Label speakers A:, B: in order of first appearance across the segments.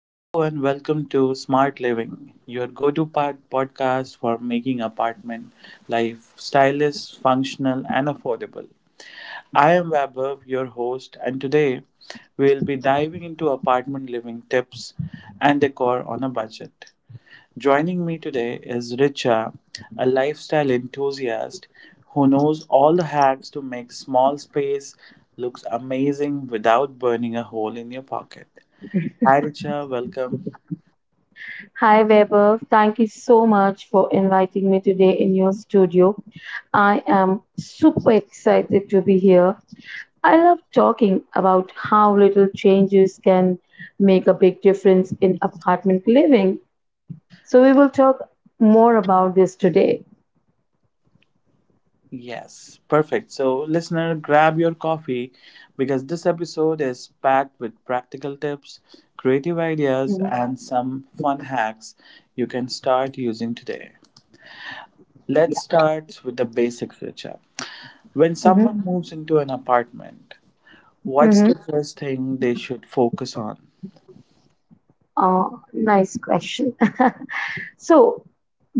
A: Hello and welcome to Smart Living, your go to podcast for making apartment life stylish, functional, and affordable. I am Vaibhav, your host, and today we will be diving into apartment living tips and decor on a budget. Joining me today is Richa, a lifestyle enthusiast who knows all the hacks to make small space looks amazing without burning a hole in your pocket. Hi Richa, welcome.
B: Hi, Weber. Thank you so much for inviting me today in your studio. I am super excited to be here. I love talking about how little changes can make a big difference in apartment living. So, we will talk more about this today.
A: Yes, perfect. So, listener, grab your coffee because this episode is packed with practical tips, creative ideas,
B: Mhm.
A: and some fun hacks you can start using today. Let's
B: Yeah.
A: start with the basics, Richa. When
B: hmm
A: someone moves into an apartment, what's
B: hmm
A: the first thing they should focus on?
B: Nice question. So,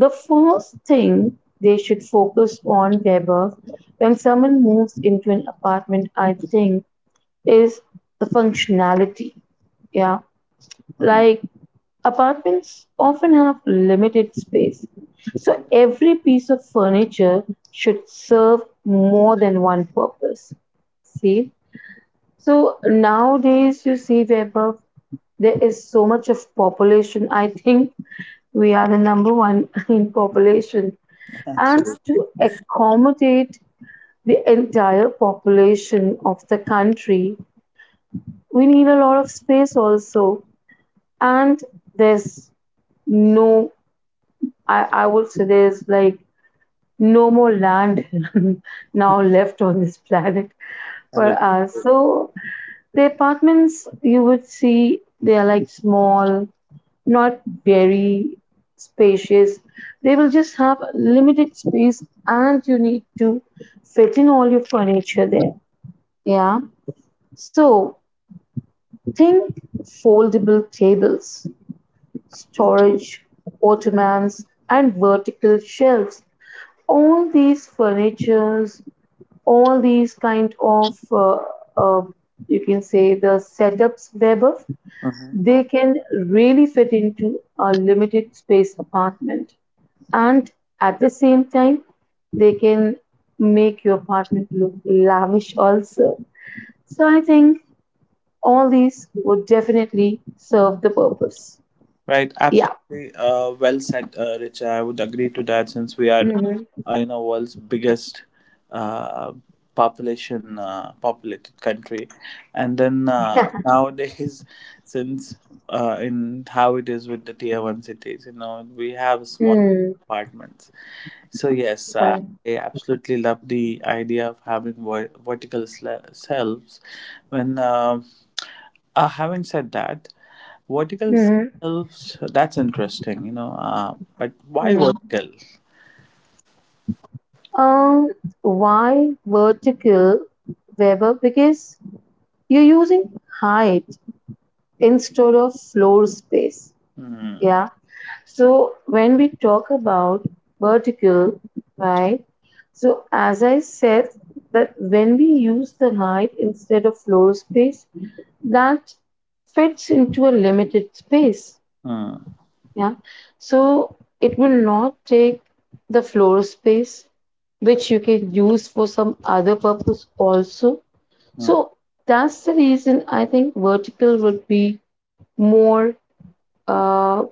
B: the first thing they should focus on, Weber, when someone moves into an apartment, I think, is the functionality. Yeah,
A: Hmm.
B: like apartments often have limited space. So, every piece of furniture should serve more than one purpose. See? So, nowadays, you see, Weber, there is so much of population. I think we are the number one in population
A: So,
B: and to accommodate the entire population of the country, we need a lot of space also. And there's no, I would say there's like no more land now left on this planet
A: that
B: for
A: is-
B: us. So the apartments you would see, they are like small, not very spacious. They will just have limited space and you need to fit in all your furniture there. Yeah. So think foldable tables, storage, ottomans, and vertical shelves. All these furnitures, all these kind of, uh, you can say the setups, Weber,
A: uh-huh.
B: they can really fit into a limited space apartment. And at the same time, they can make your apartment look lavish also. So I think all these would definitely serve the purpose.
A: Right,
B: Yeah.
A: absolutely. Well said, Richa. I would agree to that since we are
B: mm
A: in a world's biggest uh, population populated country, and then
B: hmm
A: nowadays, since in how it is with the tier one cities, you know, we have small
B: Mm,
A: apartments. So yes,
B: sorry.
A: I absolutely love the idea of having vertical selves when. Having said that, vertical
B: Mm-hmm.
A: shelves, that's interesting, you know, but why
B: Mm.
A: vertical?
B: Um, why vertical, Weber? Because you're using height instead of floor space.
A: Hmm,
B: Yeah. So when we talk about vertical, right? So as I said, that when we use the height instead of floor space, that fits into a limited space.
A: hmm,
B: Yeah. So it will not take the floor space, which you can use for some other purpose also.
A: hmm,
B: So that's the reason I think vertical would be more, uh,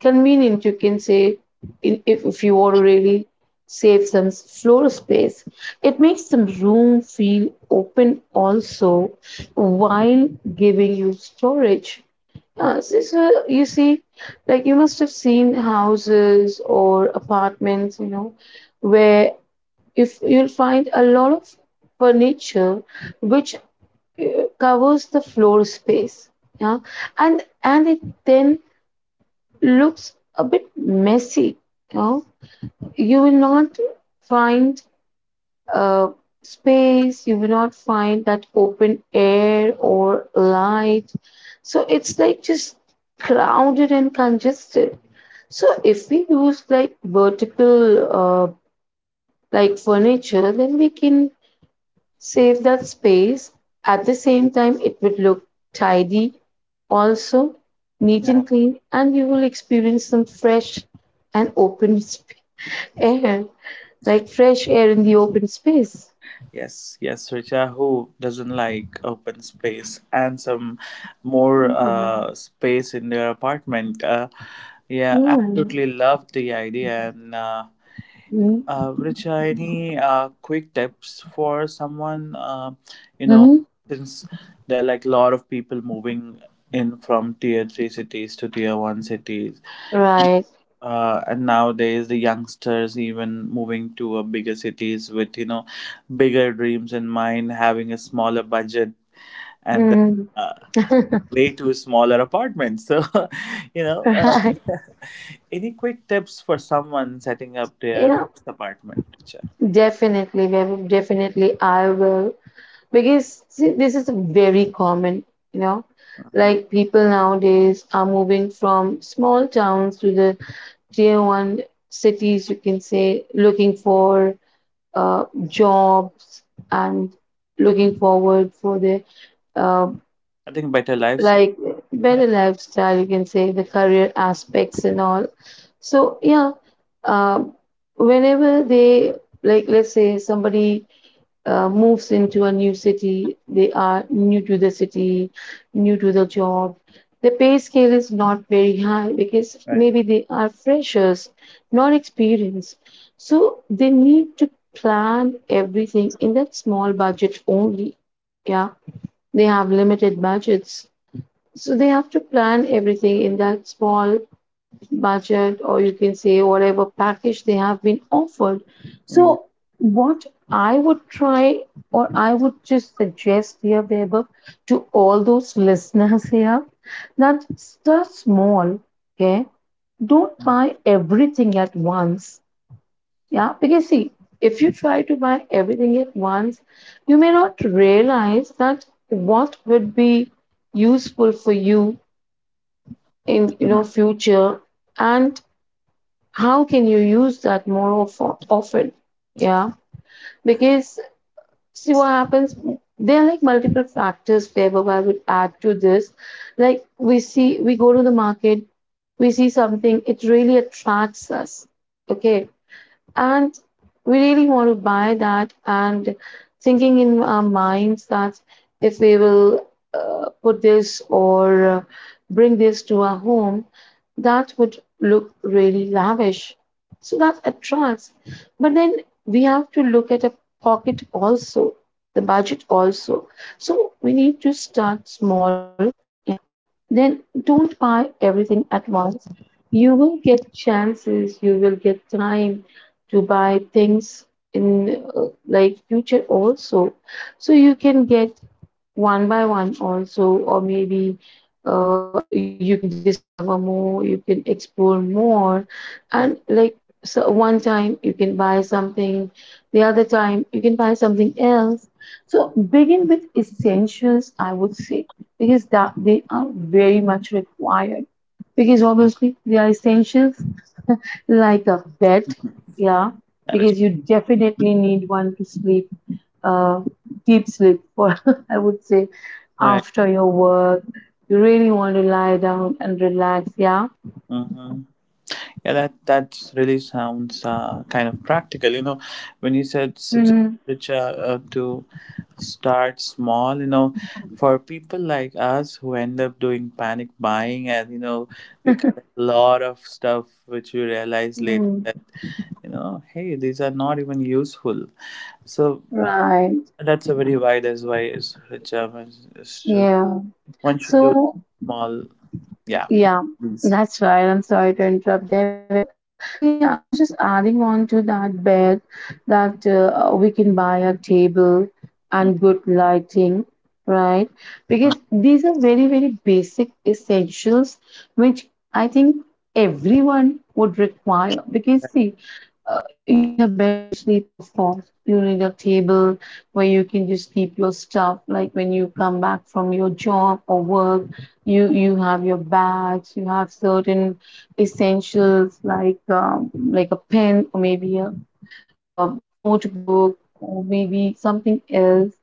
B: convenient you can say in, if you want to really save some floor space. It makes some room feel open also while giving you storage,
A: hmm.
B: yeah. So, so you see, like you must have seen houses or apartments, you know, where if you'll find a lot of furniture which, covers the floor space, yeah, and it then looks a bit messy. You know, you will not find, uh, space. You will not find that open air or light. So it's like just crowded and congested. So if we use like vertical, uh, like furniture, then we can save that space. At the same time, it would look tidy, also neat and clean, and you will experience some fresh and open air, like fresh air in the open space.
A: Yes, yes, Richa, who doesn't like open space and some more
B: Mhm.
A: space in their apartment? Yeah,
B: Yeah.
A: absolutely love the idea and uh,
B: Mhm.
A: Uh, Richa, any quick tips for someone? You know,
B: Mhm.
A: since there are like a lot of people moving in from tier three cities to tier one cities,
B: Right.
A: and nowadays the youngsters even moving to a bigger cities with you know bigger dreams in mind, having a smaller budget, and then,
B: Mhm.
A: uh, way too smaller apartments. So, you know,
B: Right.
A: any quick tips for someone setting up their
B: Yeah,
A: first apartment, Richa?
B: definitely, Vaibhav, definitely I will. Because see, this is very common, you know,
A: Uh-huh.
B: like people nowadays are moving from small towns to the tier one cities, you can say, looking for, jobs and looking forward for the, uh,
A: I think better lifestyle.
B: like
A: Yeah.
B: better lifestyle, you can say, the career aspects and all. So yeah, uh, whenever they, like, let's say somebody, moves into a new city, they are new to the city, new to the job. The pay scale is not very high because
A: Right.
B: maybe they are freshers, not experienced. So they need to plan everything in that small budget only. Yeah, they have limited budgets. So they have to plan everything in that small budget or you can say whatever package they have been offered.
A: Mhm.
B: So, what I would try or I would just suggest here, Vaibhav, to all those listeners here, that start small, okay? Don't buy everything at once, yeah? Because, see, if you try to buy everything at once, you may not realize that what would be useful for you in, you know, future and how can you use that more often, yeah, because, see, what happens, there are like multiple factors favor I would add to this. Like we see, we go to the market, we see something, it really attracts us, okay, and we really want to buy that and thinking in our minds that if we will, put this or, bring this to our home, that would look really lavish. So that attracts, but then we have to look at a pocket also, the budget also. So we need to start small, yeah, then don't buy everything at once. You will get chances, you will get time to buy things in, like future also. So you can get one by one also, or maybe, you can discover more, you can explore more,
A: Mhm.
B: and like, so one time you can buy something, the other time you can buy something else. So begin with essentials, I would say, because that they are very much required, because obviously they are essentials, like a bed, yeah,
A: That is
B: because you definitely need one to sleep, uh, deep sleep for, I would say,
A: right.
B: after your work. You really want to lie down and relax, yeah?
A: hmm Yeah, that really sounds kind of practical. You know, when you said suggest
B: Mm-hmm.
A: Richa, to start small, you know, for people like us who end up doing panic buying and you know, we collect a lot of stuff which we realize later
B: Mm-hmm.
A: that you know, hey, these are not even useful. So
B: Right,
A: that's a very wide. That's why is Richa,
B: yeah.
A: one should do
B: So,
A: small, yeah, yeah,
B: yeah,
A: please.
B: that's right. I'm sorry to interrupt there, Webber. So yeah, I was just adding on to that bed that, we can buy a table
A: Mm,
B: and good lighting, right?
A: mm,
B: Because these are very, very basic essentials, which I think everyone would require. Because see, you need a bed to sleep, of course. You need a table where you can just keep your stuff. Like when you come back from your job or work, you have your bags. You have certain essentials like, like a pen or maybe a notebook or maybe something else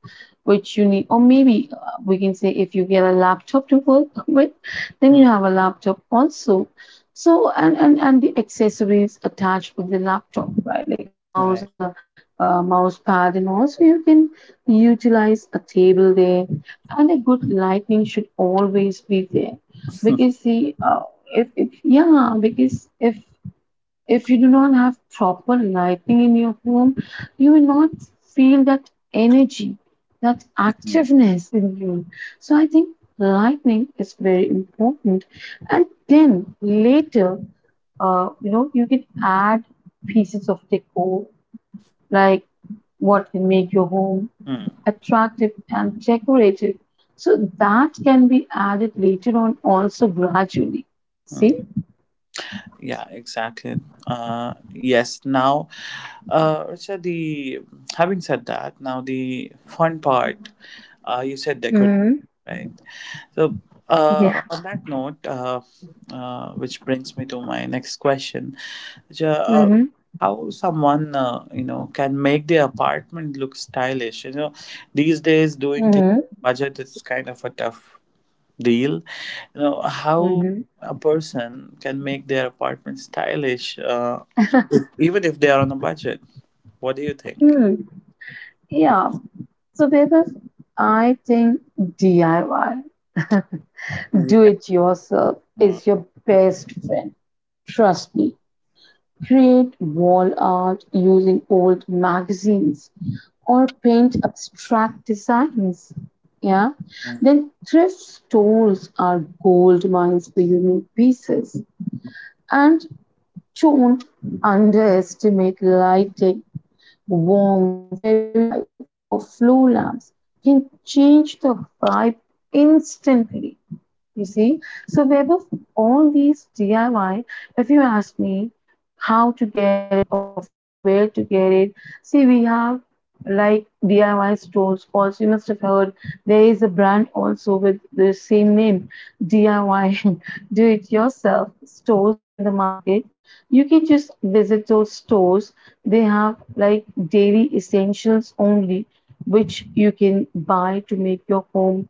B: which you need, or maybe, we can say if you get a laptop to work with, then
A: mm.
B: you have a laptop also. So and the accessories attached with the laptop, right, like a mouse
A: Right.
B: and the, mouse pad, and also you can utilize a table there. And a good lighting should always be there, because see, if yeah, because if you do not have proper lighting in your home, you will not feel that energy, that
A: Mm,
B: activeness in you. So I think lightning is very important. And then later, you know, you can add pieces of decor like what can make your home
A: mm,
B: attractive and decorative. So that can be added later on also gradually.
A: mm.
B: See?
A: Yeah, exactly. Yes. Now, Richa, the having said that, now the fun part. You said decorative,
B: Mm-hmm.
A: right? So,
B: Yeah.
A: on that note, which brings me to my next question. Ja- uh,
B: Mm-hmm.
A: how someone you know can make their apartment look stylish, you know, these days doing things
B: Mm-hmm.
A: on budget is kind of a tough deal. You know how
B: Mhm.
A: a person can make their apartment stylish, even if they are on a budget, what do you think?
B: Hmm. Yeah. So, Bebas, I think DIY, do
A: Yeah.
B: it yourself, is your best friend. Trust me. Create wall art using old magazines or paint abstract designs. Yeah. Then thrift stores are gold mines for unique pieces. And don't underestimate lighting. Warm fairy lights or floor lamps can change the vibe instantly. You see, so web of all these DIY, if you ask me how to get it or from where to get it, see, we have like DIY stores also. You must have heard there is a brand also with the same name DIY, do it yourself stores in the market. You can just visit those stores, they have like daily essentials only, which you can buy to make your home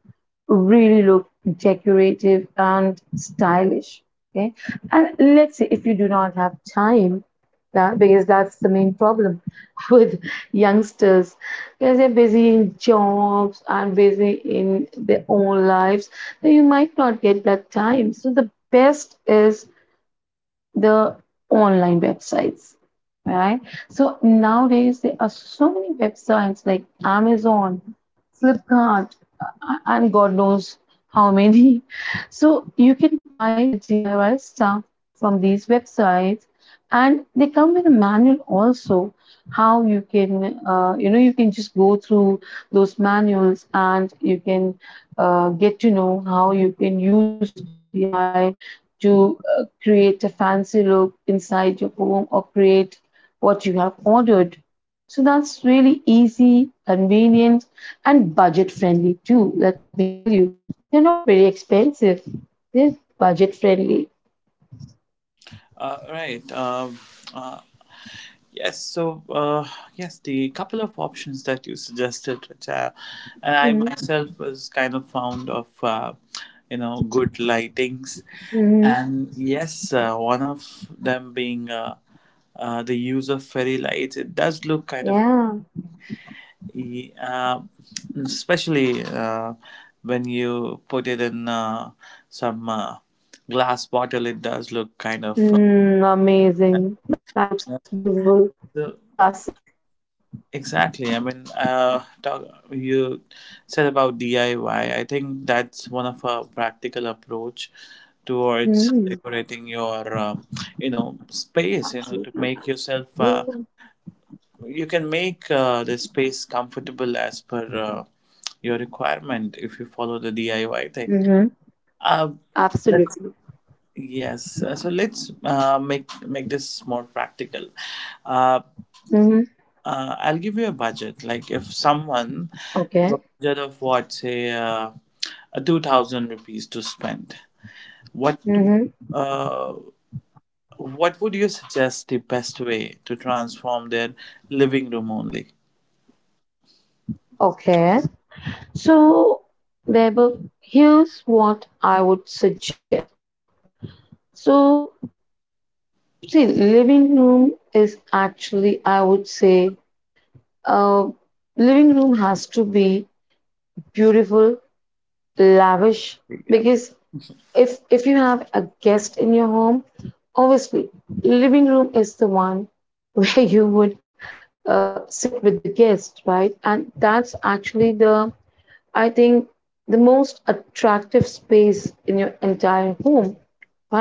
B: really look decorative and stylish. Okay, and let's say if you do not have time, that because that's the main problem with youngsters, because they're busy in jobs and busy in their own lives, so you might not get that time. So the best is the online websites, right? So nowadays there are so many websites like Amazon, Flipkart, and god knows how many. So you can buy the DIY stuff from these websites, and they come with a manual also. How you can, you know, you can just go through those manuals and you can, get to know how you can use those DIY to, create a fancy look inside your home or create what you have ordered. So that's really easy, convenient, and budget friendly too. Let me tell you, they're not very expensive. They're budget friendly.
A: Right. Uh, yes. So yes, the couple of options that you suggested, which I, and I myself was kind of fond of, you know, good lightings,
B: Mm-hmm.
A: and yes, one of them being the use of fairy lights. It does look kind of,
B: Yeah.
A: e- uh, especially when you put it in some glass bottle. It does look kind of.
B: Mm, amazing. That looks beautiful.
A: Uh,
B: Classic.
A: Exactly. I mean, talk, you said about DIY. I Y. I think that's one of a practical approach towards
B: Mm,
A: decorating your, you know, space. You know, to
B: absolutely.
A: make yourself,
B: Yeah.
A: you can make the space comfortable as per your requirement if you follow the DIY thing.
B: Mm-hmm.
A: Uh, let's
B: Absolutely.
A: yes. So let's make this more practical. Uh,
B: Mm-hmm.
A: I'll give you a budget. Like if someone a
B: Okay.
A: budget of what say a 2000 rupees to spend. What
B: Mm-hmm.
A: uh, what would you suggest the best way to transform their living room only?
B: Okay. So, Vaibhav, here's what I would suggest. So, see, living room is actually, I would say, uh, living room has to be beautiful, lavish,
A: Yeah.
B: because if you have a guest in your home, obviously, living room is the one where you would, sit with the guest, right? And that's actually the, I think, the most attractive space in your entire home.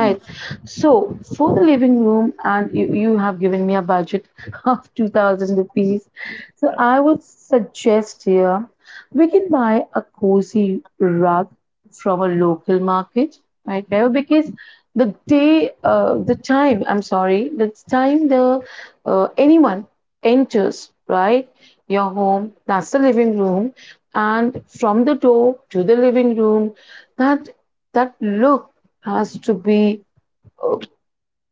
A: Mm.
B: So for the living room, and you have given me a budget of 2000 rupees. So
A: Yeah.
B: I would suggest here we can buy a cozy rug from a local market, right? There because the day, the time, I'm sorry, the time the, anyone enters, right, your home, that's the living room, and from the door to the living room, that that look has to be, uh,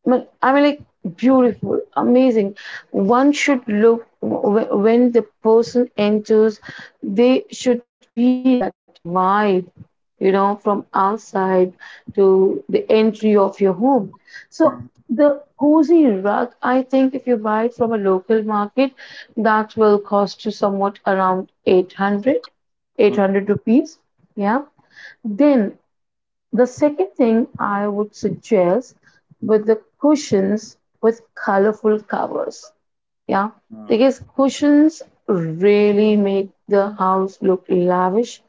B: well, I mean, like beautiful, amazing. One should look when the person enters, they should feel that vibe, you know, from outside to the entry of your home. So
A: Mm.
B: the cozy rug, I think, if you buy it from a local market, that will cost you somewhat around eight
A: Mm.
B: hundred rupees. Yeah. Then the second thing I would suggest with the cushions with colorful covers. Yeah,
A: Mm.
B: because cushions really make the house look lavish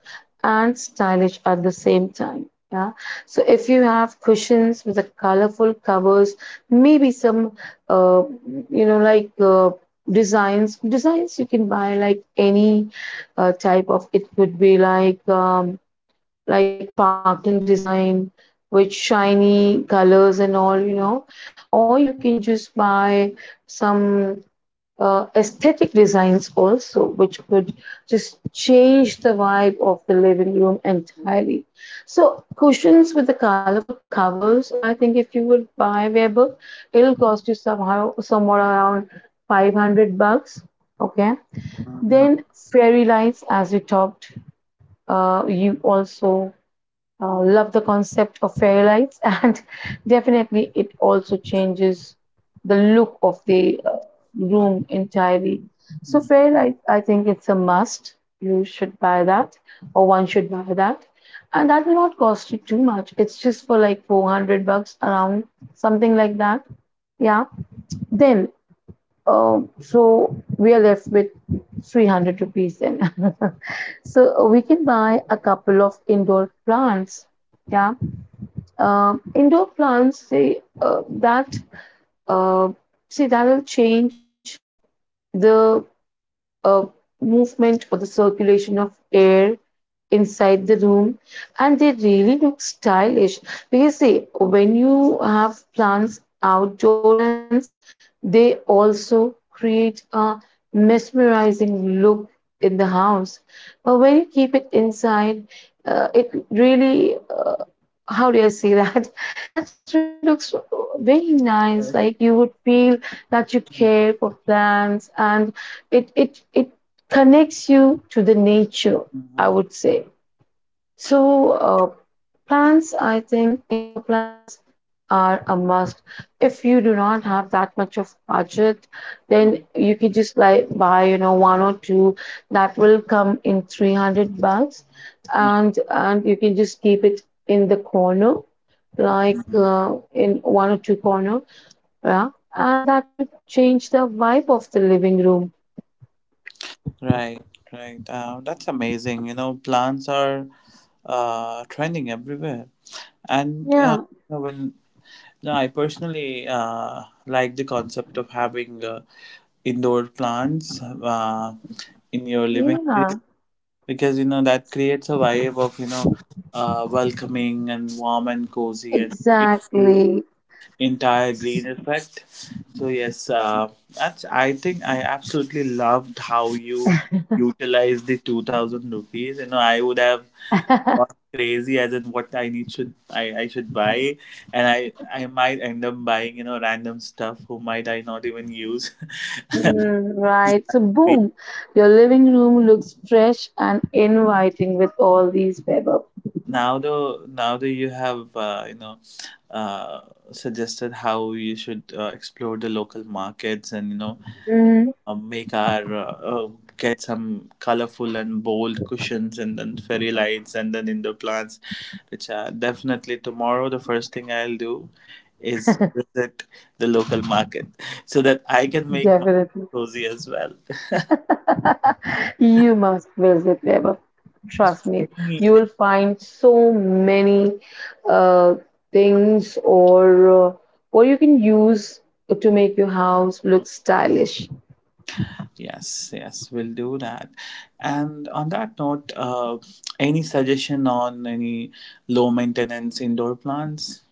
B: and stylish at the same time. Yeah, so if you have cushions with the colorful covers, maybe some, uh, you know, like uh, designs you can buy like any type of it could be like. Like sparkling design with shiny colors and all, you know. Or you can just buy some aesthetic designs also, which could just change the vibe of the living room entirely. So, cushions with the colorful covers, I think if you would buy Weber, it'll cost you somehow somewhere around 500 bucks. Okay.
A: Mm. Mm.
B: Then fairy lights, as we talked, you also love the concept of fairy lights, and definitely it also changes the look of the room entirely. So fairy lights, I think it's a must. You should buy that, or one should buy that, and that will not cost you too much. It's just for like 400 bucks around, something like that. Yeah. Then so we are left with 300 rupees then. So we can buy a couple of indoor plants. Yeah. Indoor plants, uh, see, that'll change the uh, movement or the circulation of air inside the room, and they really look stylish, because see, when you have plants, outdoor plants, they also create a mesmerizing look in the house, but when you keep it inside, it really how do I say that? That really looks very nice. Like you would feel that you care for plants, and it connects you to the nature, I
A: Mm.
B: would say. So plants, I think indoor plants are a must. If you do not have that much of budget,
A: Mm.
B: then you could just like buy, you know, one or two that will come in 300 bucks,
A: Mm.
B: and you can just keep it in the corner, like
A: Mm.
B: in one or two corner, yeah, and that would change the vibe of the living room.
A: Right, right. That's amazing. You know, plants are trending everywhere, and
B: Yeah,
A: you know, when you I personally like the concept of having indoor plants in your living
B: yeah,
A: area because you know that creates a vibe of you know welcoming and warm and cozy and gives you
B: exactly.
A: entire green effect. So yes, that's I think I absolutely loved how you utilized the 2,000 rupees. You know, I would have gone crazy as in what I need. Should I should buy and I might end up buying you know random stuff who might I not even use.
B: Right, so boom, your living room looks fresh and inviting with all these pepper.
A: Now though you have you know uh, suggested how you should explore the local markets and you know
B: Mm,
A: make our get some colorful and bold cushions and then fairy lights and then indoor plants, which are definitely tomorrow. The first thing I'll do is visit the local market so that I can make my
B: definitely.
A: cozy as well.
B: You must visit Weber. Trust me, you will find so many uh, things, or what you can use to make your house look stylish.
A: Yes, yes, we'll do that. And on that note, any suggestion on any low maintenance indoor plants?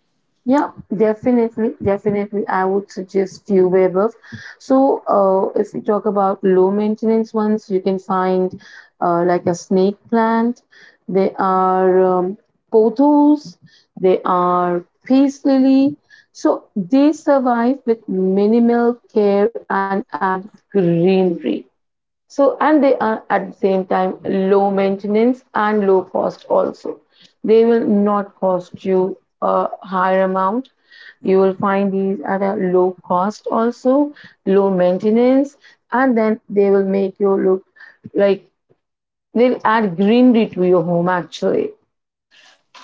B: Yeah, definitely, definitely. I would suggest few wearables. So, if we talk about low maintenance ones, you can find like a snake plant. They are pothos. They are
A: Mm,
B: peace lily. So they survive with minimal care and add greenery. So, and they are at the same time low maintenance and low cost also. They will not cost you a higher amount. You
A: mhm.
B: will find these at a low cost also, low maintenance, and then they will make you look like, they'll add greenery to your home actually.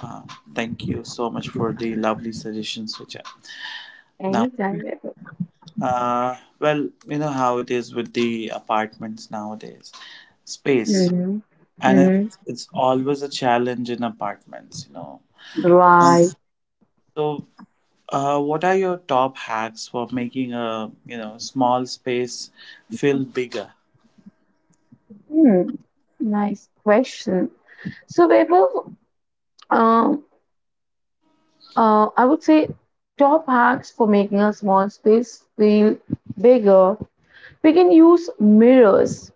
A: Uh, thank you so much for the lovely suggestions, Richard. Now,
B: Anytime ever.
A: well, you know how it is with the apartments nowadays, space,
B: Mm-hmm.
A: and
B: Mm-hmm.
A: it's always a challenge in apartments, you know. Uh,
B: Right.
A: so, what are your top hacks for making a you know small space feel bigger?
B: Hmm. Nice question. So, Vaibhav, um, I would say top hacks for making a small space feel bigger. We can use mirrors.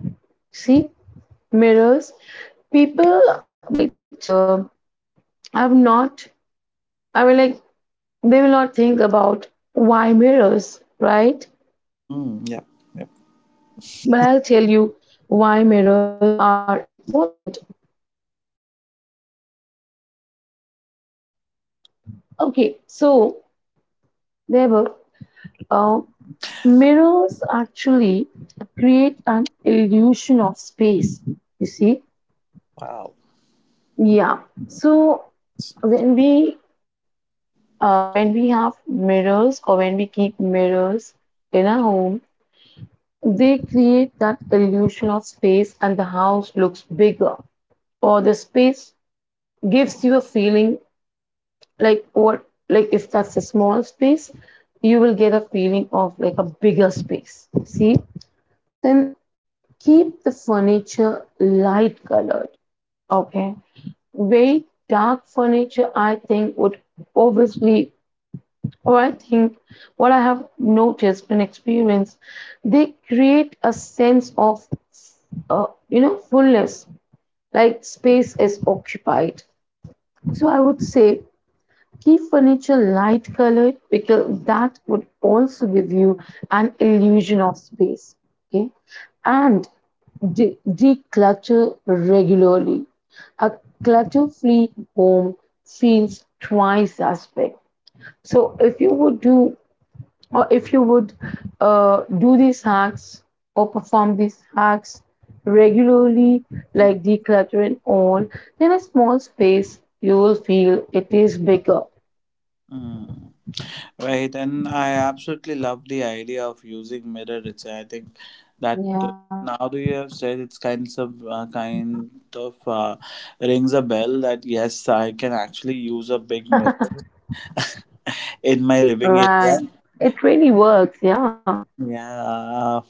B: See, mirrors. People might have not, I mean, like, they will not think about why mirrors, right?
A: Mm, yep, yep.
B: But I'll tell you why mirrors are important. Okay, so there were uh, mirrors actually create an illusion of space, you see.
A: Wow.
B: Yeah. So when we when we have mirrors, or when we keep mirrors in our home, they create that illusion of space and the house looks bigger. Or the space gives you a feeling like what, like if that's a small space, you will get a feeling of like a bigger space. See? So then keep the furniture light colored. Okay. Very dark furniture, I think would obviously, oh, I think what I have noticed and experienced, they create a sense of, you know, fullness, like space is occupied. So I would say keep furniture light colored because that would also give you an illusion of space. Okay, and declutter regularly. A clutter free home feels twice as big. So, if you would do, or if you would do these hacks or perform these hacks regularly,
A: Mm.
B: like decluttering all, then a small space, you will feel it is bigger.
A: Mm. Right, and I absolutely love the idea of using mirror. It's I think that
B: Yeah,
A: now that you have said it's kind of rings a bell that yes, I can actually use a big mirror in my living area.
B: right. It really works. Yeah.
A: Yeah, uh,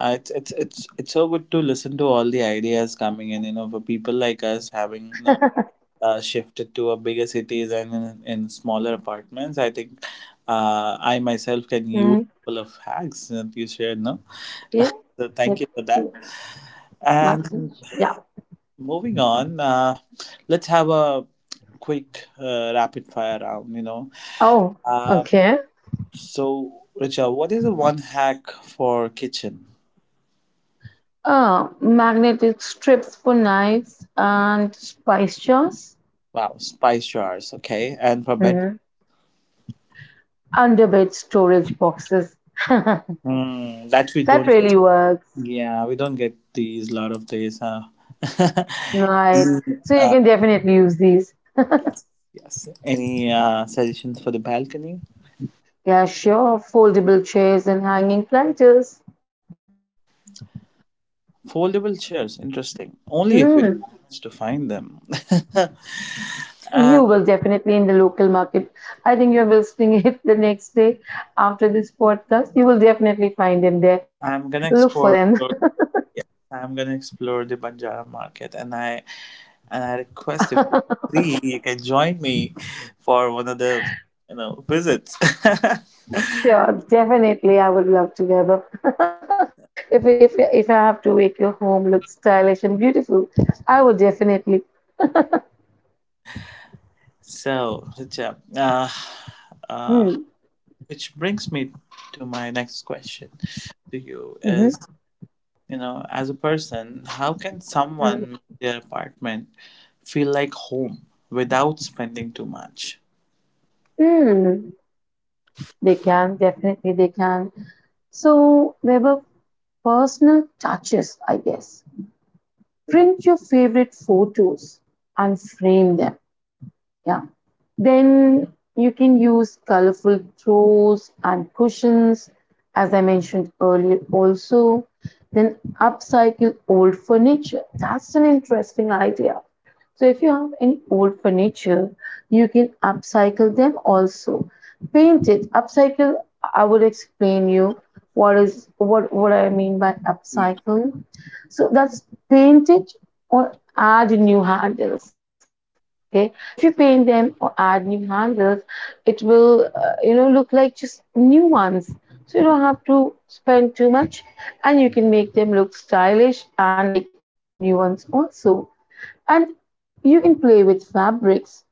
A: it's so good to listen to all the ideas coming in. You know, for people like us having no shifted to a bigger cities and in smaller apartments, I think I myself can use
B: Mm,
A: a couple of hacks that you shared. No,
B: yes.
A: so thank you for that.
B: Definitely.
A: And
B: Yeah.
A: moving on, let's have a quick rapid fire round. You know,
B: Oh,
A: uh,
B: okay.
A: so Richard, what is the one hack for kitchen?
B: Magnetic strips for knives and spice jars.
A: Wow, spice jars. Okay, and for bed.
B: Hmm. Under bed storage boxes.
A: Hmm, that we
B: That
A: don't get.
B: really works.
A: Yeah, we don't get these lot of days. Huh?
B: Right.
A: Mm,
B: So you can definitely use these.
A: yes. Yes. Any suggestions for the balcony?
B: Yeah, sure. Foldable chairs and hanging planters.
A: Foldable chairs. Interesting. Only if we
B: Hmm.
A: manage to find them. uh,
B: You will definitely in the local market. I think you're visiting it the next day after this podcast. You will definitely find them there.
A: I'm gonna
B: Look for
A: explore.
B: them.
A: Yes, I'm gonna explore the Banjara market, and I request if you're free, you can join me for one of the you know visits.
B: Sure, definitely. I would love to have a if I have to make your home look stylish and beautiful, I will definitely.
A: So, Richa, uh,
B: Hmm.
A: which brings me to my next question to you is
B: Mm-hmm.
A: you know as a person how can
B: Mm.
A: someone make their apartment feel like home without spending too much?
B: Mm. They can, definitely they can. So there were personal touches, I guess. Print your favorite photos and frame them. Yeah. Then you can use colorful throws and cushions, as I mentioned earlier, also. Then upcycle old furniture. That's an interesting idea. So, if you have any old furniture, you can upcycle them also. Paint it. Upcycle, I would explain you what is what I mean by
A: Yes.
B: upcycle. So that's paint it or add new handles. Okay, if you paint them or add new handles, it will, you know, look like just new ones. So you don't have to spend too much, and you can make them look stylish and like new ones also. And you can play with fabrics,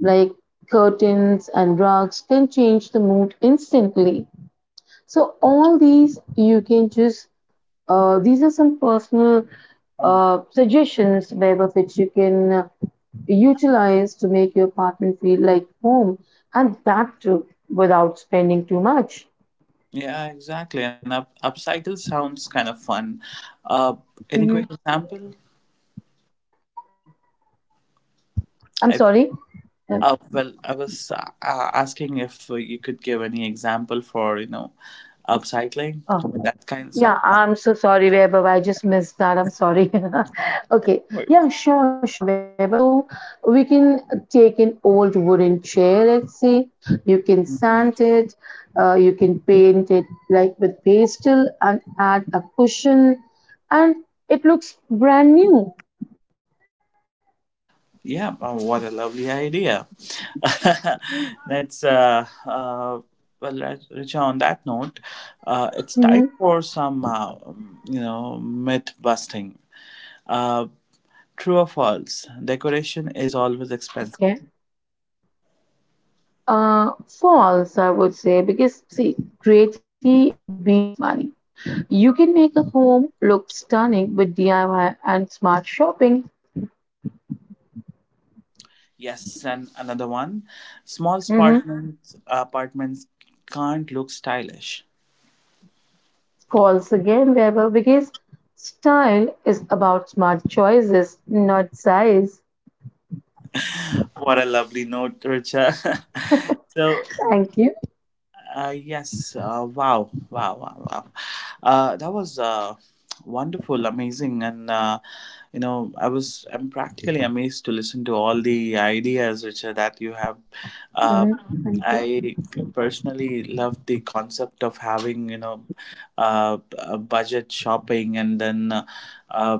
B: like curtains and rugs can change the mood instantly. So all these you can just these are some personal
A: Mm.
B: suggestions wherever which you can utilize to make your apartment feel like home, and that too without spending too much.
A: Yeah, exactly. And upcycle sounds kind of fun. uh any quick
B: Hmm.
A: example?
B: I'm
A: I
B: sorry. Um,
A: Well, I was asking if you could give any example for you know upcycling,
B: oh.
A: that kind
B: Yeah,
A: of
B: I'm so sorry, Vaibhav. I just missed that. I'm sorry. Okay.
A: sounds.
B: Yeah, sure, sure, Vaibhav. So we can take an old wooden chair, let's say. You can sand it. You can paint it like with pastel and add a cushion, and it looks brand new.
A: Yeah, oh, what a lovely idea. That's well, Richa. On that note, it's time
B: Hmm.
A: for some you know myth busting. Uh, true or false? Decoration is always expensive.
B: Okay. False, I would say, because see, creativity beats money. You can make a home look stunning with DIY and smart shopping.
A: Yes, and another one. Small
B: Hmm.
A: apartments can't look stylish.
B: False again, Weber, because style is about smart choices, not size.
A: What a lovely note, Richa. so
B: Thank you.
A: Yes. Wow. Wow. Wow. Wow. That was wonderful, amazing, and you know, I was I'm practically amazed to listen to all the ideas, Richard, that you have. Uh,
B: Hmm. Thank you.
A: I personally love the concept of having you know, a budget shopping and then uh,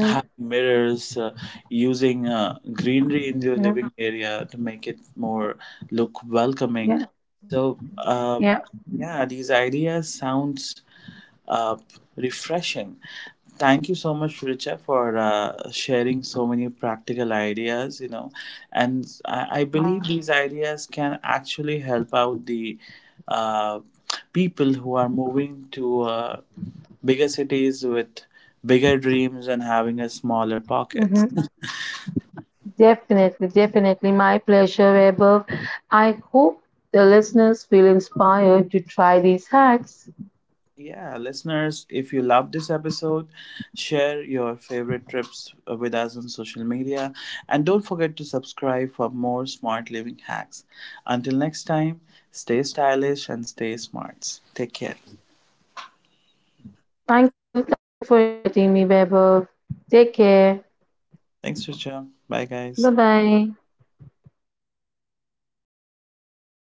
A: having
B: Mm-hmm.
A: mirrors, using greenery in your
B: Mm-hmm.
A: living area to make it more look welcoming.
B: Yeah,
A: So,
B: yeah,
A: yeah, these ideas sounds uh, refreshing. Thank you so much, Richa, for sharing so many practical ideas. You know, and I
B: my
A: believe these
B: pleasure.
A: ideas can actually help out the uh, people who are moving to bigger cities with bigger dreams and having a smaller pocket.
B: Hmm. Definitely, definitely, my pleasure, Weber. I hope the listeners feel inspired to try these hacks.
A: Yeah, listeners, if you love this episode, share your favorite trips with us on social media and don't forget to subscribe for more smart living hacks. Until next time, stay stylish and stay smart. Take care.
B: Thank you. Thank you for inviting me, Vaibhav. Take care.
A: Thanks, Richa. Bye, guys.
B: Bye bye.